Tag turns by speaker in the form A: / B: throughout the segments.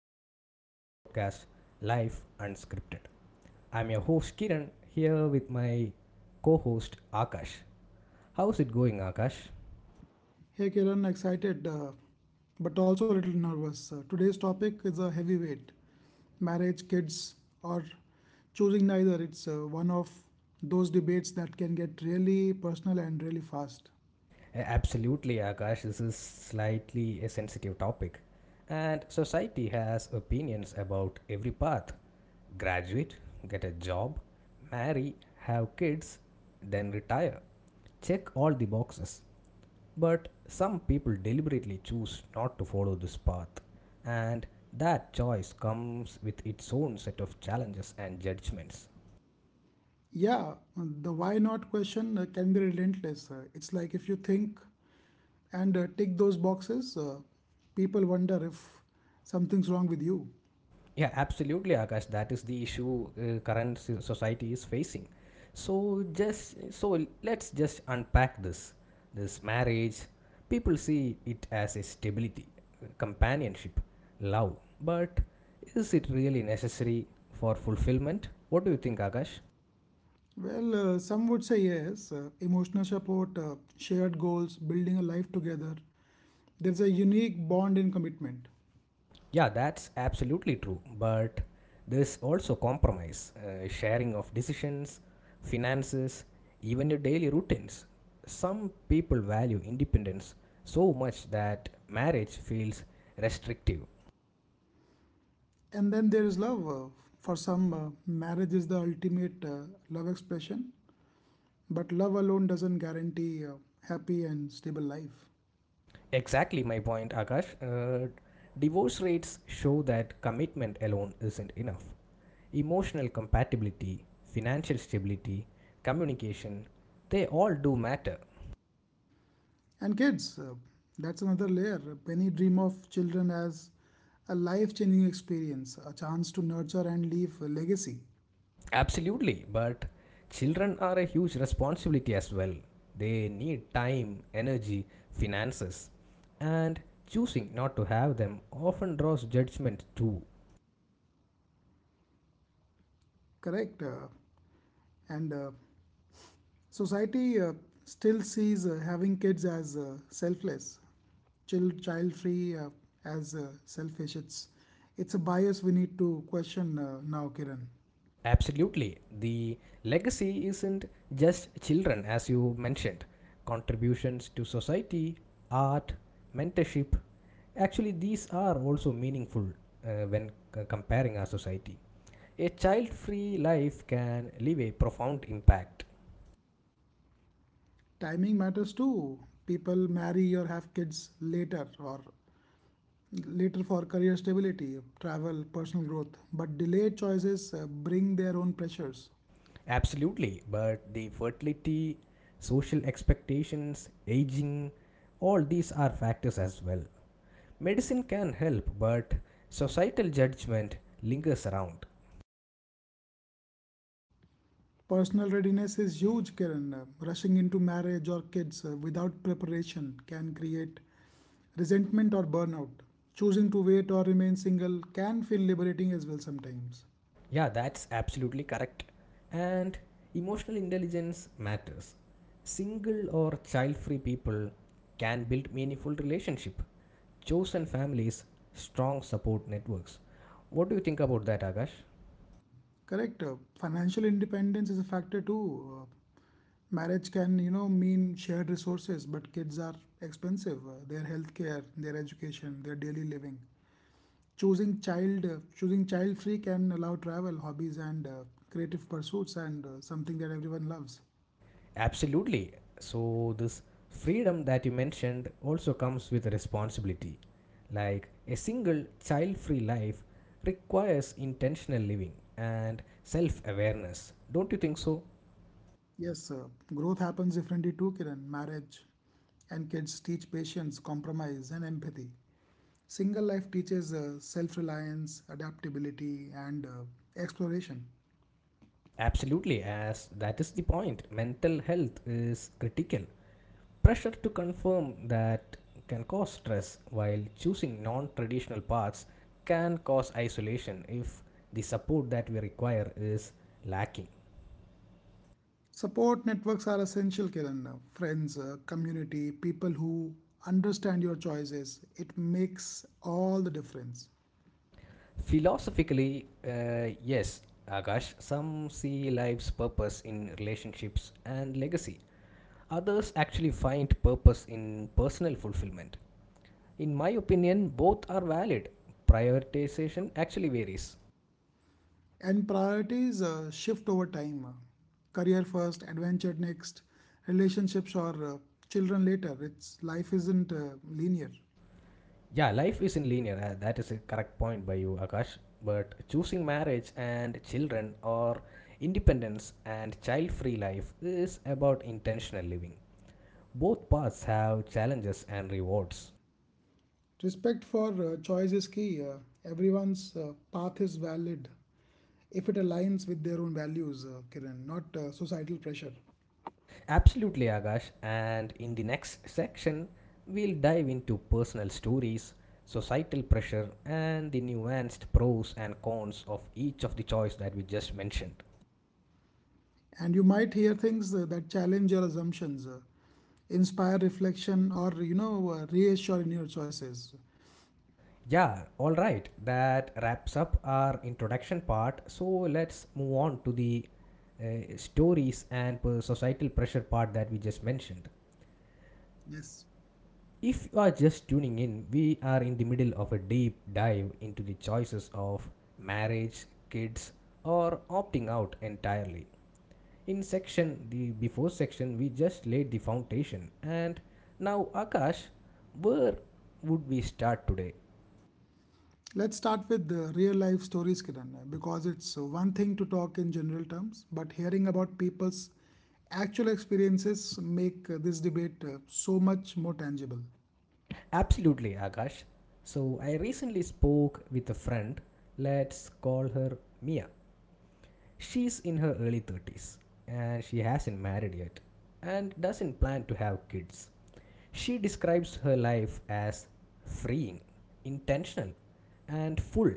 A: of your favorite podcast, Life Unscripted. I'm your host Kiran here with my co host Akash. How's it going, Akash?
B: Hey Kiran, excited but also a little nervous. Today's topic is a heavyweight: marriage, kids, or choosing neither. It's one of those debates that can get really personal and really fast.
A: Absolutely, Akash, this is slightly a sensitive topic, and society has opinions about every path: graduate, get a job, marry, have kids, then retire. Check all the boxes. But some people deliberately choose not to follow this path, and that choice comes with its own set of challenges and judgments.
B: Yeah, the why not question can be relentless. It's like if you think and tick those boxes, people wonder if something's wrong with you.
A: Yeah, absolutely, Akash. That is the issue current society is facing. So let's just unpack this. This marriage, people see it as a stability, companionship, love. But is it really necessary for fulfillment? What do you think, Akash?
B: Well, some would say yes. Emotional support, shared goals, building a life together. There's a unique bond in commitment.
A: Yeah, that's absolutely true. But there's also compromise, sharing of decisions, finances, even your daily routines. Some people value independence so much that marriage feels restrictive.
B: And then there is love. For some, marriage is the ultimate love expression, but love alone doesn't guarantee a happy and stable life.
A: Exactly my point, Akash. Divorce rates show that commitment alone isn't enough. Emotional compatibility, financial stability, communication, they all do matter.
B: And kids, that's another layer. Many dream of children as a life changing experience, a chance to nurture and leave a legacy.
A: Absolutely, but children are a huge responsibility as well. They need time, energy, finances, and choosing not to have them often draws judgment too.
B: Correct. And Society still sees having kids as selfless, child free as selfish. It's a bias we need to question now, Kiran.
A: Absolutely, the legacy isn't just children, as you mentioned. Contributions to society, art, mentorship actually, these are also meaningful when comparing our society. A child free life can leave a profound impact.
B: Timing matters too. People marry or have kids later or later for career stability, travel, personal growth. But delayed choices bring their own pressures.
A: Absolutely, but the fertility, social expectations, aging, all these are factors as well. Medicine can help, but societal judgment lingers around.
B: Personal readiness is huge, Kiran. Rushing into marriage or kids without preparation can create resentment or burnout. Choosing to wait or remain single can feel liberating as well sometimes.
A: Yeah, that's absolutely correct. And emotional intelligence matters. Single or child free people can build meaningful relationship, chosen families, strong support networks. What do you think about that, Akash?
B: Correct. Financial independence is a factor too. Marriage can, you know, mean shared resources, but kids are expensive. Their healthcare, their education, their daily living. Choosing child-free can allow travel, hobbies, and creative pursuits, and something that everyone loves.
A: Absolutely. So, this freedom that you mentioned also comes with responsibility. Like a single child free life requires intentional living and self awareness. Don't you think so?
B: Yes, growth happens differently too, Kiran. Marriage and kids teach patience, compromise, and empathy. Single life teaches self reliance, adaptability, and exploration.
A: Absolutely, as that is the point. Mental health is critical. Pressure to confirm that can cause stress, while choosing non traditional paths can cause isolation if the support that we require is lacking.
B: Support networks are essential, Kiran. Friends, community, people who understand your choices, it makes all the difference.
A: Philosophically, yes, Akash, some see life's purpose in relationships and legacy. Others actually find purpose in personal fulfillment. In my opinion, both are valid. Prioritization actually varies.
B: And priorities shift over time. Career first, adventure next, relationships or children later. It's life isn't linear.
A: Yeah, life isn't linear. That is a correct point by you, Akash. But choosing marriage and children or independence and child free life is about intentional living. Both paths have challenges and rewards.
B: Respect for choice is key. Everyone's path is valid if it aligns with their own values, Kiran, not societal pressure.
A: Absolutely, Akash. And in the next section, we'll dive into personal stories, societal pressure, and the nuanced pros and cons of each of the choice that we just mentioned.
B: And you might hear things that challenge your assumptions, inspire reflection, or reassure in your choices.
A: Yeah, all right. That wraps up our introduction part. So let's move on to the stories and societal pressure part that we just mentioned.
B: Yes.
A: If you are just tuning in, we are in the middle of a deep dive into the choices of marriage, kids, or opting out entirely. In section the before section, we just laid the foundation, and now Akash, where would we start today?
B: Let's start with the real life stories, Kiran, because it's one thing to talk in general terms, but hearing about people's actual experiences make this debate so much more tangible.
A: Absolutely, Akash. So I recently spoke with a friend. Let's call her Mia. She's in her early 30s and she hasn't married yet and doesn't plan to have kids. She describes her life as freeing, intentional, and full,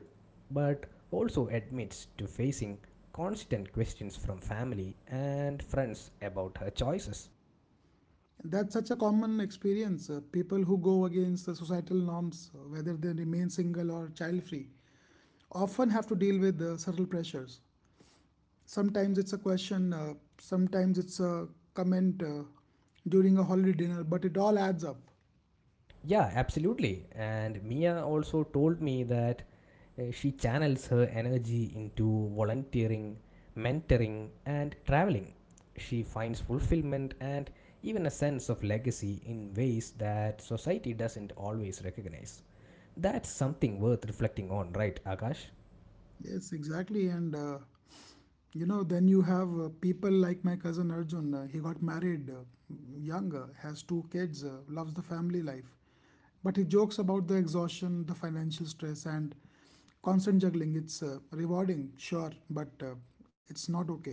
A: but also admits to facing constant questions from family and friends about her choices.
B: That's such a common experience. People who go against the societal norms, whether they remain single or child free, often have to deal with subtle pressures. Sometimes it's a question, sometimes it's a comment during a holiday dinner, but it all adds up.
A: Yeah, absolutely. And Mia also told me that she channels her energy into volunteering, mentoring, and traveling. She finds fulfillment and even a sense of legacy in ways that society doesn't always recognize. That's something worth reflecting on, right, Akash?
B: Yes, exactly. And then you have people like my cousin Arjun. He got married young, has two kids, loves the family life. But he jokes about the exhaustion, the financial stress, and constant juggling. It's rewarding, sure, but it's not okay.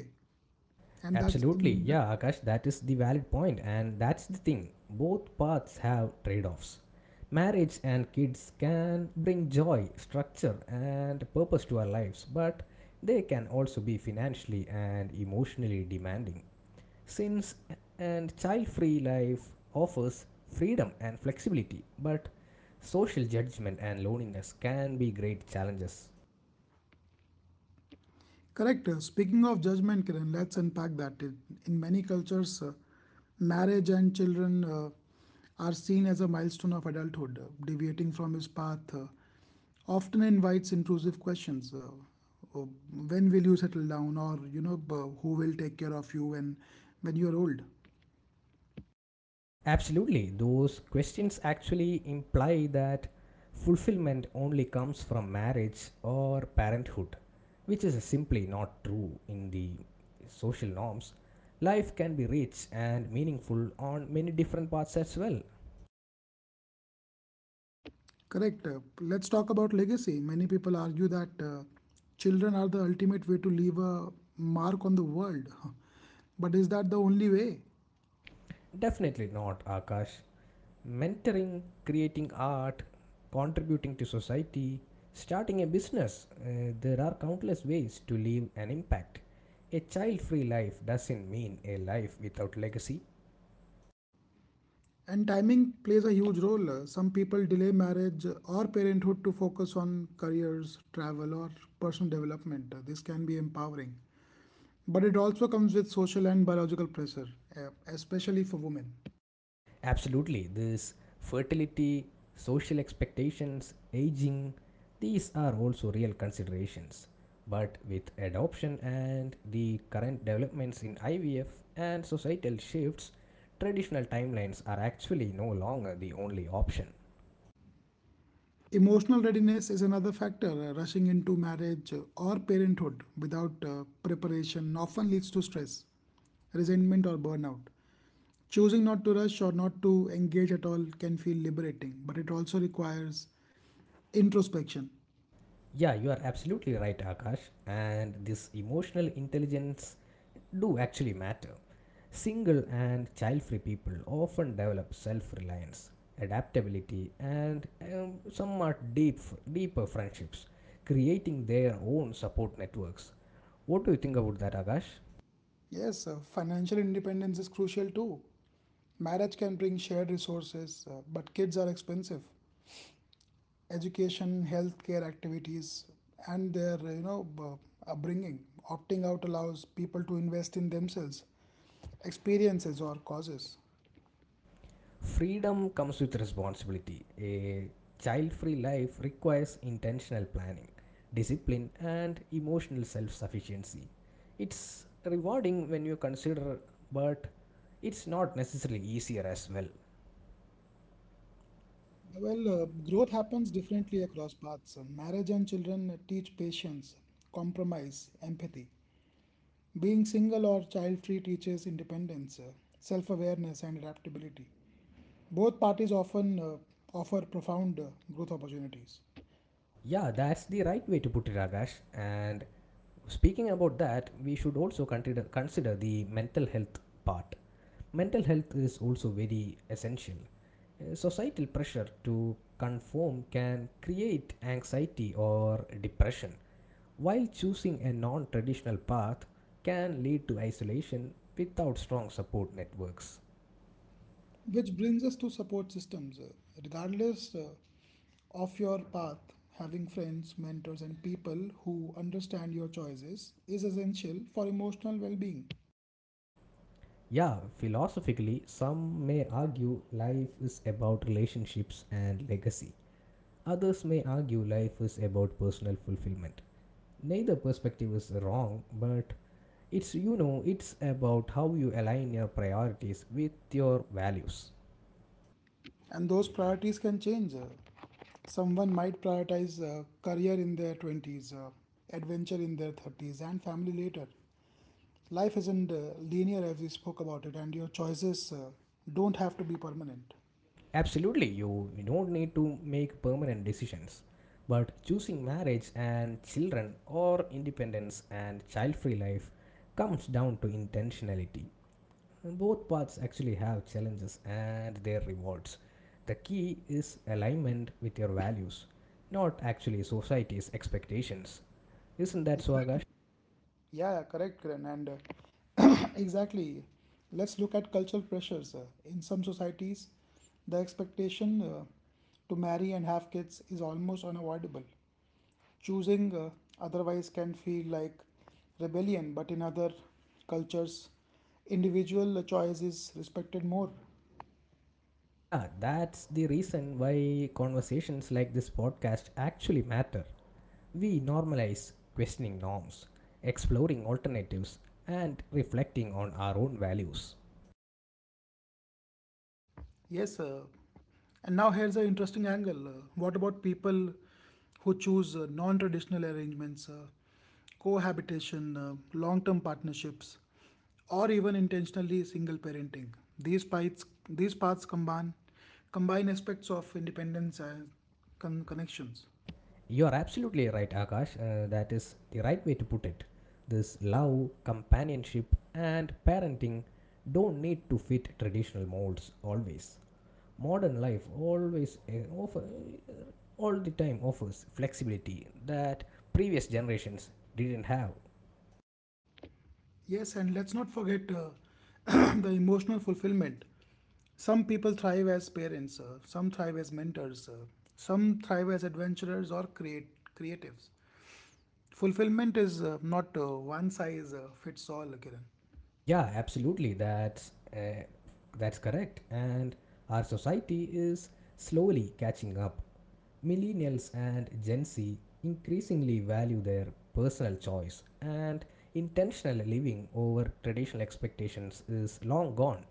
B: And that's
A: Absolutely.
B: in
A: Yeah, Akash, that is the valid point, and that's the thing. Both paths have trade offs. Marriage and kids can bring joy, structure, and purpose to our lives, but they can also be financially and emotionally demanding. Since and child free life offers freedom and flexibility, but social judgment and loneliness can be great challenges.
B: Correct. Speaking of judgment, Kiran, let's unpack that. In many cultures, marriage and children are seen as a milestone of adulthood. Deviating from his path often invites intrusive questions. Uh, when will you settle down? Or, you know, who will take care of you when you're old?
A: Absolutely. Those questions actually imply that fulfillment only comes from marriage or parenthood, which is simply not true in the social norms. Life can be rich and meaningful on many different paths as well.
B: Correct. Let's talk about legacy. Many people argue that children are the ultimate way to leave a mark on the world. But is that the only way?
A: Definitely not, Akash. Mentoring, creating art, contributing to society, starting a business. There are countless ways to leave an impact. A child free life doesn't mean a life without legacy.
B: And timing plays a huge role. Some people delay marriage or parenthood to focus on careers, travel, or personal development. This can be empowering. But it also comes with social and biological pressure, especially for women.
A: Absolutely, this fertility, social expectations, aging, these are also real considerations. But with adoption and the current developments in IVF and societal shifts, traditional timelines are actually no longer the only option.
B: Emotional readiness is another factor. Rushing into marriage or parenthood without preparation often leads to stress, resentment, or burnout. Choosing not to rush or not to engage at all can feel liberating, but it also requires introspection.
A: Yeah, you are absolutely right, Akash. And this emotional intelligence do actually matter. Single and child-free people often develop self-reliance, adaptability, and somewhat deeper friendships, creating their own support networks. What do you think about that, Akash?
B: Yes, financial independence is crucial too. Marriage can bring shared resources, but kids are expensive. Education, healthcare activities, and their upbringing. Opting out allows people to invest in themselves, experiences, or causes.
A: Freedom comes with responsibility. A child free life requires intentional planning, discipline, and emotional self sufficiency. It's rewarding when you consider, but it's not necessarily easier as well.
B: Well, growth happens differently across paths. Marriage and children teach patience, compromise, empathy. Being single or child free teaches independence, self awareness, and adaptability. Both parties often offer profound growth opportunities,
A: Yeah, that's the right way to put it, Akash. And speaking about that, we should also consider the mental health part. Mental health is also very essential. Societal pressure to conform can create anxiety or depression, while choosing a non traditional path can lead to isolation without strong support networks.
B: which brings us to support systems. Regardless of your path, having friends, mentors, and people who understand your choices is essential for emotional well being.
A: Yeah, philosophically, some may argue life is about relationships and legacy. Others may argue life is about personal fulfillment. Neither perspective is wrong, but it's about how you align your priorities with your values.
B: And those priorities can change. Someone might prioritize career in their 20s, adventure in their 30s, and family later. Life isn't linear as we spoke about it, and your choices don't have to be permanent.
A: Absolutely, you don't need to make permanent decisions. But choosing marriage and children or independence and child free life comes down to intentionality. Both paths actually have challenges and their rewards. The key is alignment with your values, not actually society's expectations. Isn't that so, Akash?
B: Yeah, yeah, correct, Kiran. And exactly, let's look at cultural pressures. In some societies, the expectation to marry and have kids is almost unavoidable. Choosing otherwise can feel like rebellion, but in other cultures, individual choice is respected more.
A: Yeah, that's the reason why conversations like this podcast actually matter. We normalize questioning norms, exploring alternatives, and reflecting on our own values.
B: Yes, and now here's an interesting angle. What about people who choose non traditional arrangements, cohabitation, long term partnerships, or even intentionally single parenting? These paths, these paths combine, combine aspects of independence and connections.
A: You are absolutely right, Akash. That is the right way to put it. This love, companionship, and parenting don't need to fit traditional molds always. Modern life always offer all the time offers flexibility that previous generations didn't have.
B: Yes, and let's not forget the emotional fulfillment. Some people thrive as parents, some thrive as mentors, some thrive as adventurers or creatives. Fulfillment is not one size fits all, Kiran.
A: Yeah, absolutely. That's correct. And our society is slowly catching up. Millennials and Gen Z increasingly value their personal choice and intentional living over traditional expectations is long gone.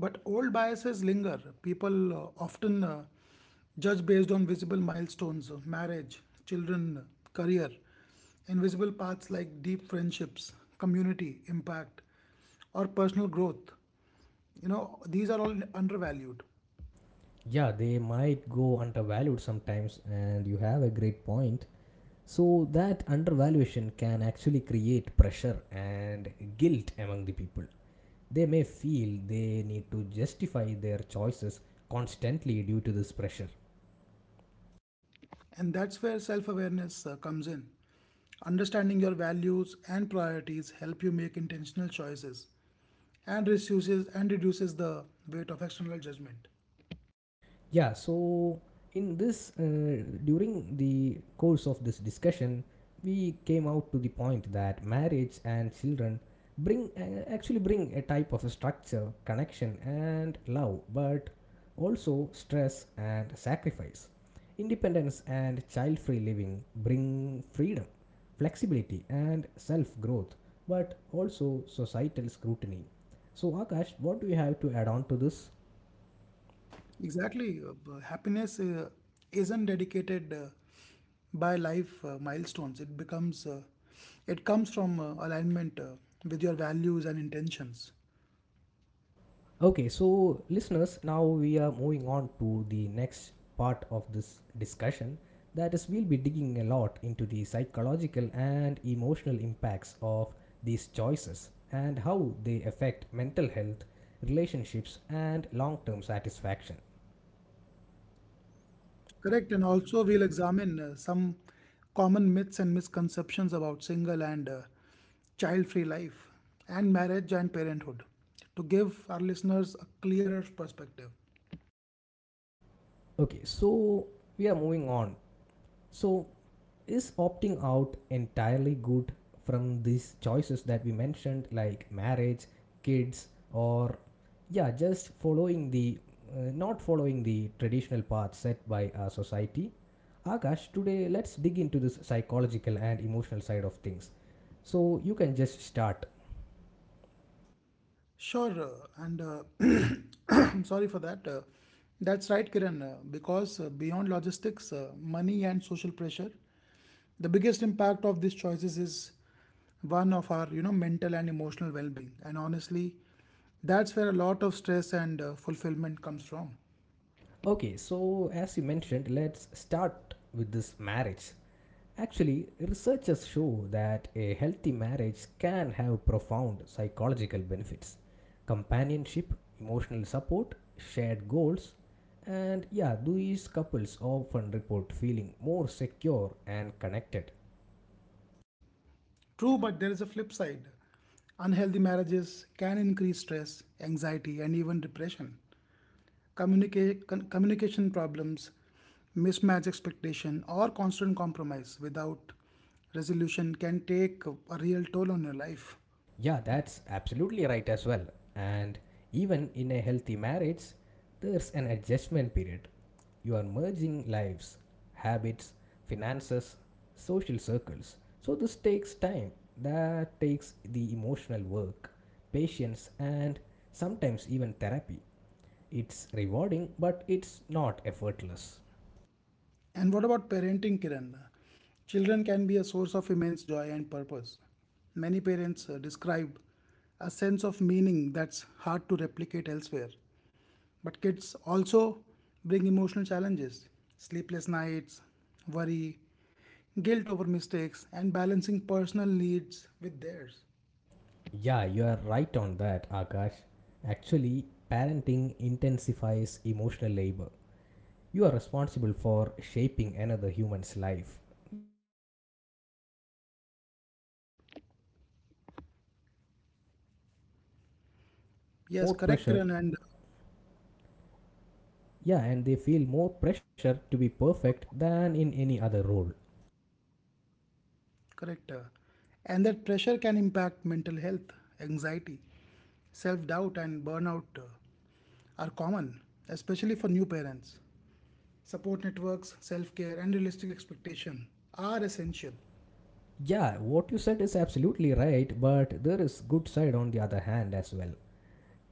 B: But old biases linger. People often judge based on visible milestones, marriage, children, career, invisible paths like deep friendships, community, impact, or personal growth. You know, these are all undervalued.
A: Yeah, they might go undervalued sometimes and you have a great point. So that undervaluation can actually create pressure and guilt among the people. They may feel they need to justify their choices constantly due to this pressure.
B: And that's where self awareness comes in. Understanding your values and priorities help you make intentional choices and reduces the weight of external judgment.
A: Yeah, so in this, during the course of this discussion, we came out to the point that marriage and children bring actually bring a type of a structure, connection, and love, but also stress and sacrifice. Independence and child free living bring freedom, flexibility, and self growth, but also societal scrutiny. So, Akash, what do you have to add on to this?
B: Exactly, happiness isn't dedicated by life milestones. It comes from alignment with your values and intentions.
A: Okay, so listeners, now we are moving on to the next part of this discussion. That is, we'll be digging a lot into the psychological and emotional impacts of these choices and how they affect mental health, relationships, and long term satisfaction.
B: Correct, and also we'll examine some common myths and misconceptions about single and child-free life and marriage and parenthood to give our listeners a clearer perspective.
A: Okay, so we are moving on. So, is opting out entirely good from these choices that we mentioned, like marriage, kids, or yeah, just following the not following the traditional path set by our society. Akash, today let's dig into this psychological and emotional side of things, so you can just start.
B: Sure, and I'm sorry for that. That's right, Kiran, because beyond logistics, money and social pressure, the biggest impact of these choices is one of our, you know, mental and emotional well-being. And honestly, that's where a lot of stress and fulfillment comes from.
A: Okay, so as you mentioned, let's start with this marriage. Actually, researchers show that a healthy marriage can have profound psychological benefits: companionship, emotional support, shared goals, and yeah, these couples often report feeling more secure and connected.
B: True, but there is a flip side. Unhealthy marriages can increase stress, anxiety, and even depression. Communication problems, mismatch expectation, or constant compromise without resolution can take a real toll on your life.
A: Yeah, that's absolutely right as well. And even in a healthy marriage, there's an adjustment period. You are merging lives, habits, finances, social circles. So this takes time. That takes the emotional work, patience, and sometimes even therapy. It's rewarding, but it's not effortless.
B: And what about parenting, Kiran? Children can be a source of immense joy and purpose. Many parents describe a sense of meaning that's hard to replicate elsewhere. But kids also bring emotional challenges: sleepless nights, worry, guilt over mistakes, and balancing personal needs with theirs.
A: Yeah, you are right on that, Akash. Actually, parenting intensifies emotional labor. You are responsible for shaping another human's life, which can be deeply rewarding but also pretty exhausting. Many parents say they feel
B: Yes,
A: more
B: correct,
A: pressure,
B: Kiran, and
A: yeah, and they feel more pressure to be perfect than in any other role.
B: correct. And that pressure can impact mental health, anxiety, self doubt, and burnout are common, especially for new parents. Support networks, self care, and realistic expectation are essential.
A: Yeah, what you said is absolutely right, but there is good side on the other hand as well.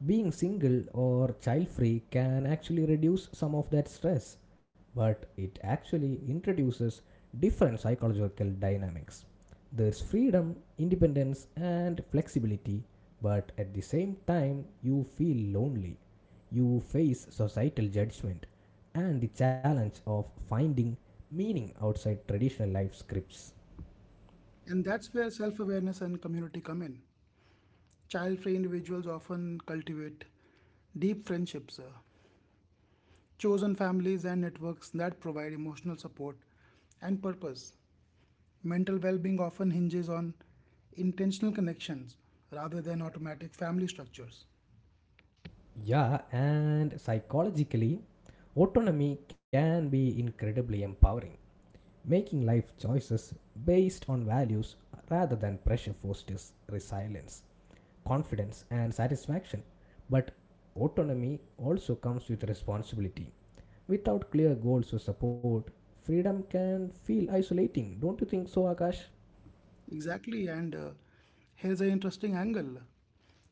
A: Being single or child free can actually reduce some of that stress, but it actually introduces different psychological dynamics. There's freedom, independence, and flexibility, but at the same time, you feel lonely. You face societal judgment and the challenge of finding meaning outside traditional life scripts.
B: And that's where self awareness and community come in. Child free individuals often cultivate deep friendships, chosen families, and networks that provide emotional support and purpose. Mental well being often hinges on intentional connections rather than automatic family structures.
A: Yeah, and psychologically, autonomy can be incredibly empowering. Making life choices based on values rather than pressure fosters resilience, confidence, and satisfaction. But autonomy also comes with responsibility. Without clear goals or support, freedom can feel isolating. Don't you think so, Akash?
B: Exactly, and here's an interesting angle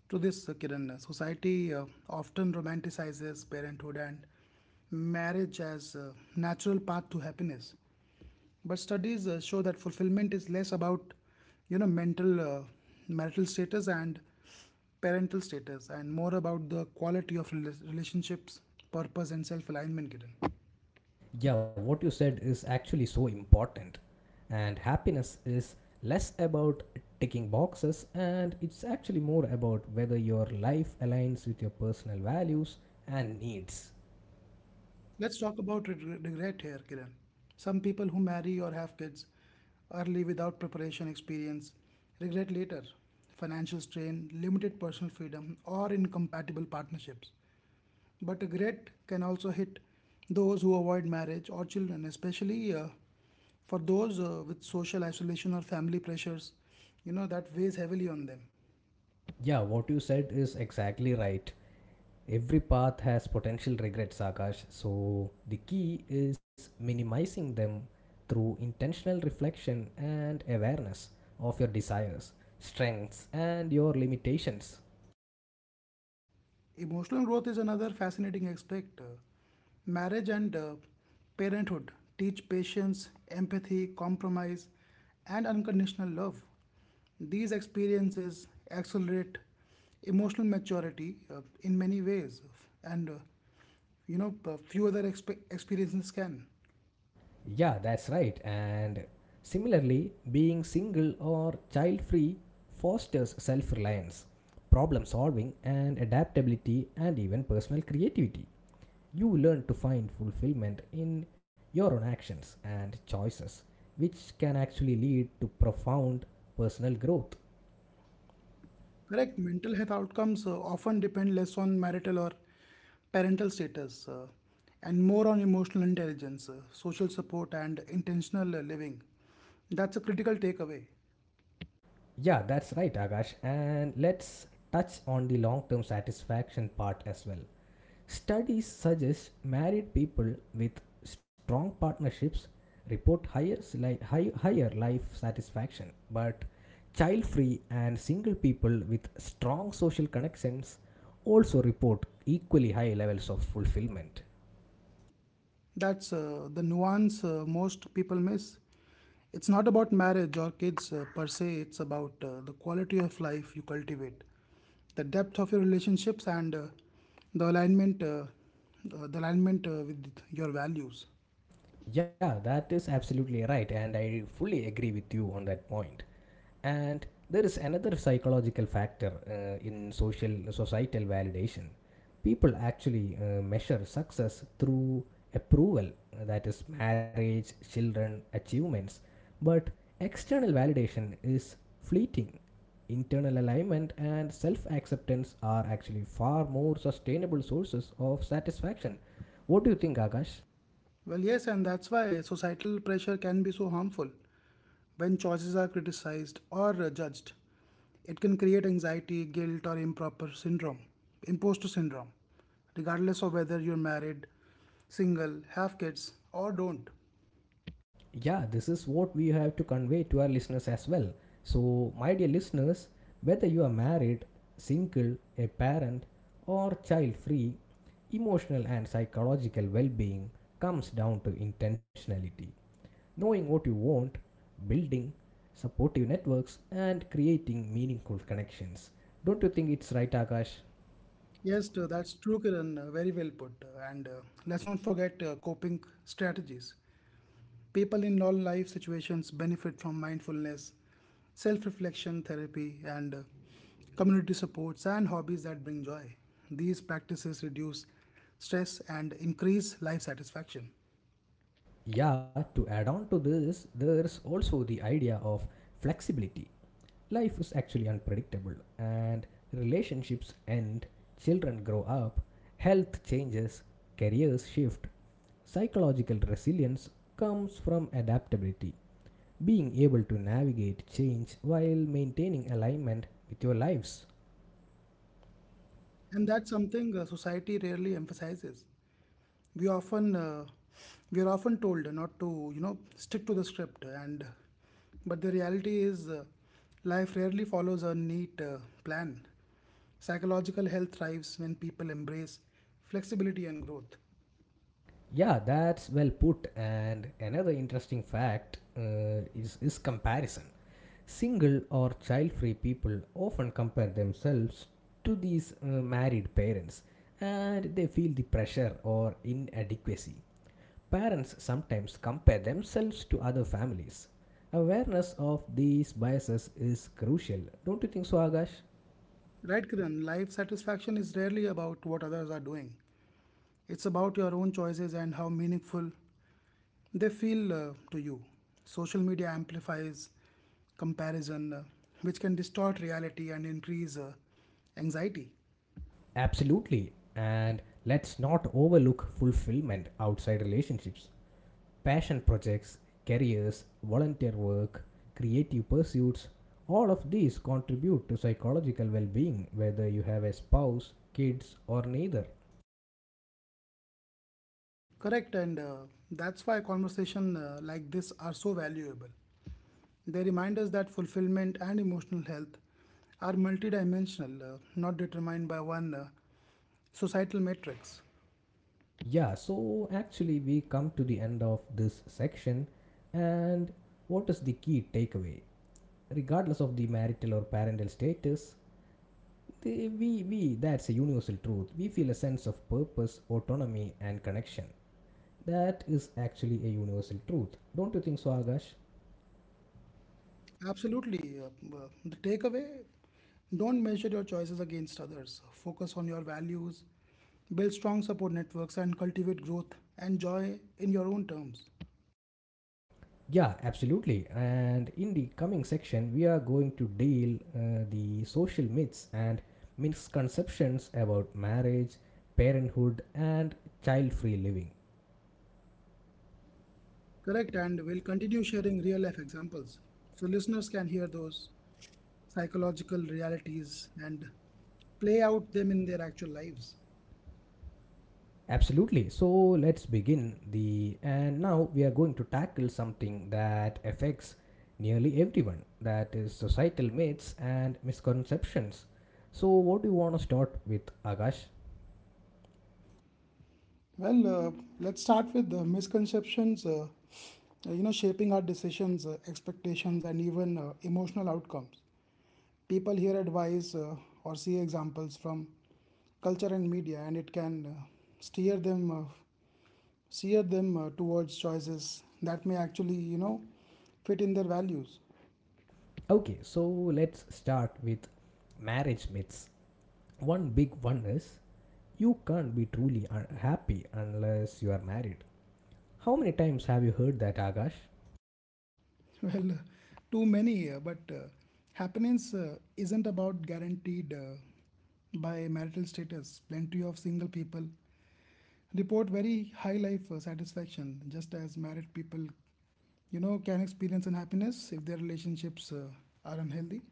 B: to this, Kiran. Society often romanticizes parenthood and marriage as a natural path to happiness. But studies show that fulfillment is less about, you know, mental, uh, marital status and parental status, and more about the quality of relationships, purpose, and self alignment, Kiran.
A: Yeah, what you said is actually so important. And happiness is less about ticking boxes, and it's actually more about whether your life aligns with your personal values and needs.
B: Let's talk about regret here, Kiran. Some people who marry or have kids early without preparation experience regret later: financial strain, limited personal freedom, or incompatible partnerships. But regret can also hit those who avoid marriage or children, especially for those with social isolation or family pressures, you know, that weighs heavily on them.
A: Yeah, what you said is exactly right. Every path has potential regrets, Akash. So the key is minimizing them through intentional reflection and awareness of your desires, strengths, and your limitations.
B: Emotional growth is another fascinating aspect. Marriage and parenthood teach patience, empathy, compromise, and unconditional love. These experiences accelerate emotional maturity in many ways, and few other experiences can.
A: Yeah, that's right. And similarly, being single or child free fosters self reliance, problem solving, and adaptability, and even personal creativity. You learn to find fulfillment in your own actions and choices, which can actually lead to profound personal growth.
B: Correct. Mental health outcomes often depend less on marital or parental status and more on emotional intelligence, social support, and intentional living. That's a critical takeaway.
A: Yeah, that's right, Akash. And let's touch on the long term satisfaction part as well. Studies suggest married people with strong partnerships report higher life satisfaction, but child free and single people with strong social connections also report equally high levels of fulfillment.
B: That's the nuance most people miss. It's not about marriage or kids per se, it's about the quality of life you cultivate, the depth of your relationships, and the alignment, uh, the alignment with your values.
A: Yeah, that is absolutely right, and I fully agree with you on that point. And there is another psychological factor in social societal validation. People actually measure success through approval, that is marriage, children, achievements. But external validation is fleeting. Internal alignment and self acceptance are actually far more sustainable sources of satisfaction. What do you think, Akash?
B: Well, yes, and that's why societal pressure can be so harmful. When choices are criticized or judged, it can create anxiety, guilt, or improper syndrome, imposter syndrome, regardless of whether you're married, single, have kids, or don't.
A: Yeah, this is what we have to convey to our listeners as well. So my dear listeners, whether you are married, single, a parent, or child free, emotional and psychological well-being comes down to intentionality, knowing what you want, building supportive networks, and creating meaningful connections. Don't you think it's right, Akash?
B: Yes, that's true, Kiran. Very well put. And let's not forget coping strategies. People in all life situations benefit from mindfulness, self reflection therapy, and community supports and hobbies that bring joy. These practices reduce stress and increase life satisfaction.
A: Yeah, to add on to this, there's also the idea of flexibility. Life is actually unpredictable, and relationships end, children grow up, health changes, careers shift. Psychological resilience comes from adaptability, being able to navigate change while maintaining alignment with your lives.
B: And that's something society rarely emphasizes. We often, we are often told not to stick to the script and but the reality is life rarely follows a neat plan. Psychological health thrives when people embrace flexibility and growth.
A: Yeah, that's well put. And another interesting fact is comparison. Single or child free people often compare themselves to these married parents, and they feel the pressure or inadequacy. Parents sometimes compare themselves to other families. Awareness of these biases is crucial, don't you think so, Agash?
B: Right, Kiran, life satisfaction is rarely about what others are doing. It's about your own choices and how meaningful they feel to you. Social media amplifies comparison, which can distort reality and increase anxiety.
A: Absolutely, and let's not overlook fulfillment outside relationships. Passion projects, careers, volunteer work, creative pursuits, all of these contribute to psychological well being, whether you have a spouse, kids, or neither.
B: Correct, and that's why conversations like this are so valuable. They remind us that fulfillment and emotional health are multidimensional, not determined by one societal matrix.
A: Yeah, so actually, we come to the end of this section, and what is the key takeaway? Regardless of the marital or parental status, that's a universal truth. We feel a sense of purpose, autonomy, and connection. That is actually a universal truth. Don't you think so, Agash?
B: Absolutely. The takeaway, don't measure your choices against others. Focus on your values, build strong support networks, and cultivate growth and joy in your own terms.
A: Yeah, absolutely. And in the coming section, we are going to deal the social myths and misconceptions about marriage, parenthood, and child-free living.
B: Correct, and we'll continue sharing real life examples so listeners can hear those psychological realities and play out them in their actual lives.
A: Absolutely. So let's begin the and now we are going to tackle something that affects nearly everyone. That is societal myths and misconceptions. So what do you want to start with, Akash?
B: Well, let's start with the misconceptions, shaping our decisions, expectations, and even emotional outcomes. People hear advice or see examples from culture and media, and it can steer them, uh, steer them towards choices that may actually, fit in their values.
A: Okay, so let's start with marriage myths. One big one is, you can't be truly happy unless you are married. How many times have you heard that, Akash?
B: Well, too many, but happiness isn't about guaranteed by marital status. Plenty of single people report very high life satisfaction, just as married people, can experience unhappiness if their relationships are unhealthy.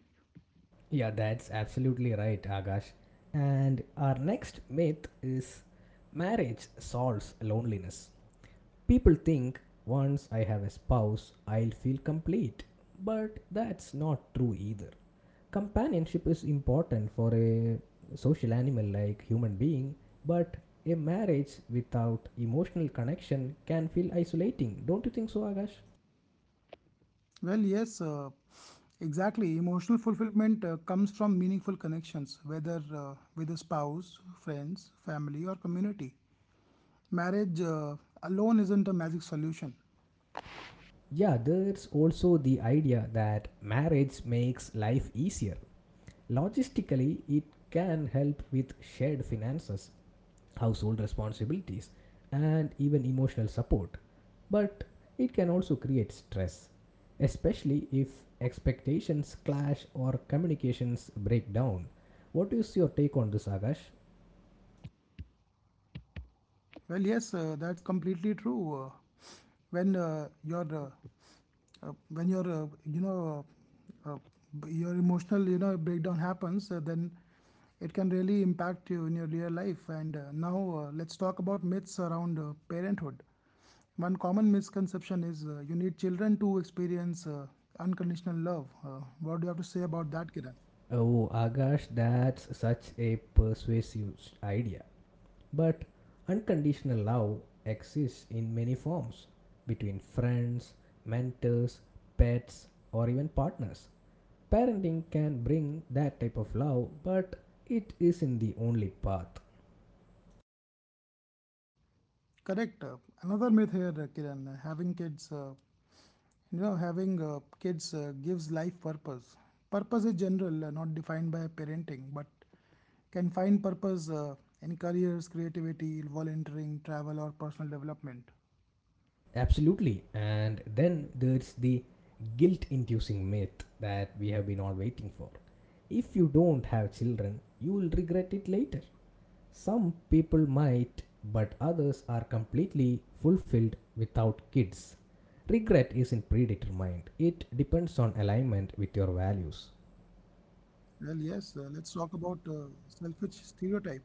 A: Yeah, that's absolutely right, Akash. And our next myth is, marriage solves loneliness. People think once I have a spouse, I'll feel complete. But that's not true either. Companionship is important for a social animal like human being, but a marriage without emotional connection can feel isolating. Don't you think so, Akash?
B: Well, yes, exactly. Emotional fulfillment comes from meaningful connections, whether with a spouse, friends, family, or community. Marriage alone isn't a magic solution.
A: Yeah, there's also the idea that marriage makes life easier. Logistically, it can help with shared finances, household responsibilities, and even emotional support. But it can also create stress, especially if expectations clash or communications break down. What is your take on this, Akash?
B: Well, yes, that's completely true. When your When your uh, uh, your emotional breakdown happens, then it can really impact you in your real life. And now let's talk about myths around parenthood. One common misconception is you need children to experience unconditional love. What do you have to say about that, Kiran?
A: Oh, Akash, that's such a persuasive idea. But unconditional love exists in many forms, between friends, mentors, pets, or even partners. Parenting can bring that type of love, but it isn't the only path.
B: Correct. Another myth here, Kiran. Having kids gives life purpose. Purpose is general, not defined by parenting, but can find purpose in careers, creativity, volunteering, travel, or personal development.
A: Absolutely. And then there's the guilt inducing myth that we have been all waiting for. If you don't have children, you will regret it later. Some people might, but others are completely fulfilled without kids. Regret isn't predetermined, it depends on alignment with your values.
B: Well, yes, let's talk about selfish stereotype.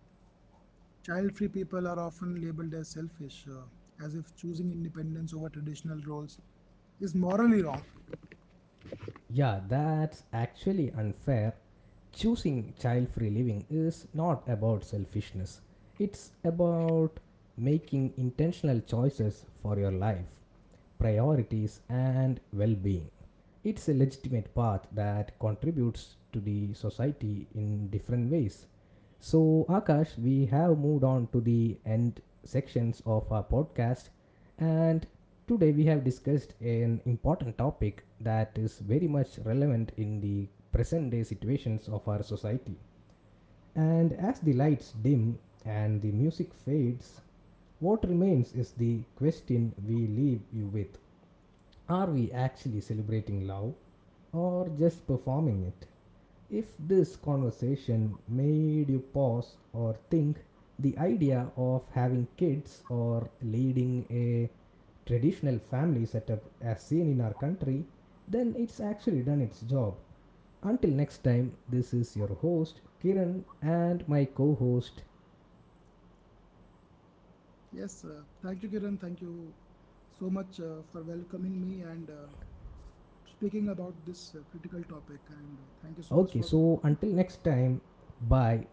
B: Child-free people are often labeled as selfish, as if choosing independence over traditional roles is morally wrong.
A: Yeah, that's actually unfair. Choosing child free living is not about selfishness, it's about making intentional choices for your life, priorities, and well being. It's a legitimate path that contributes to the society in different ways. So, Akash, we have moved on to the end sections of our podcast, and today we have discussed an important topic that is very much relevant in the present day situations of our society. And as the lights dim and the music fades, what remains is the question we leave you with. Are we actually celebrating love or just performing it? If this conversation made you pause or think, the idea of having kids or leading a traditional family setup as seen in our country, then it's actually done its job. Until next time, this is your host Kiran and my co host.
B: Yes, thank you, Kiran. Thank you so much for welcoming me and speaking about this critical topic and thank you so much
A: Okay,
B: for
A: so
B: the
A: until next time, bye.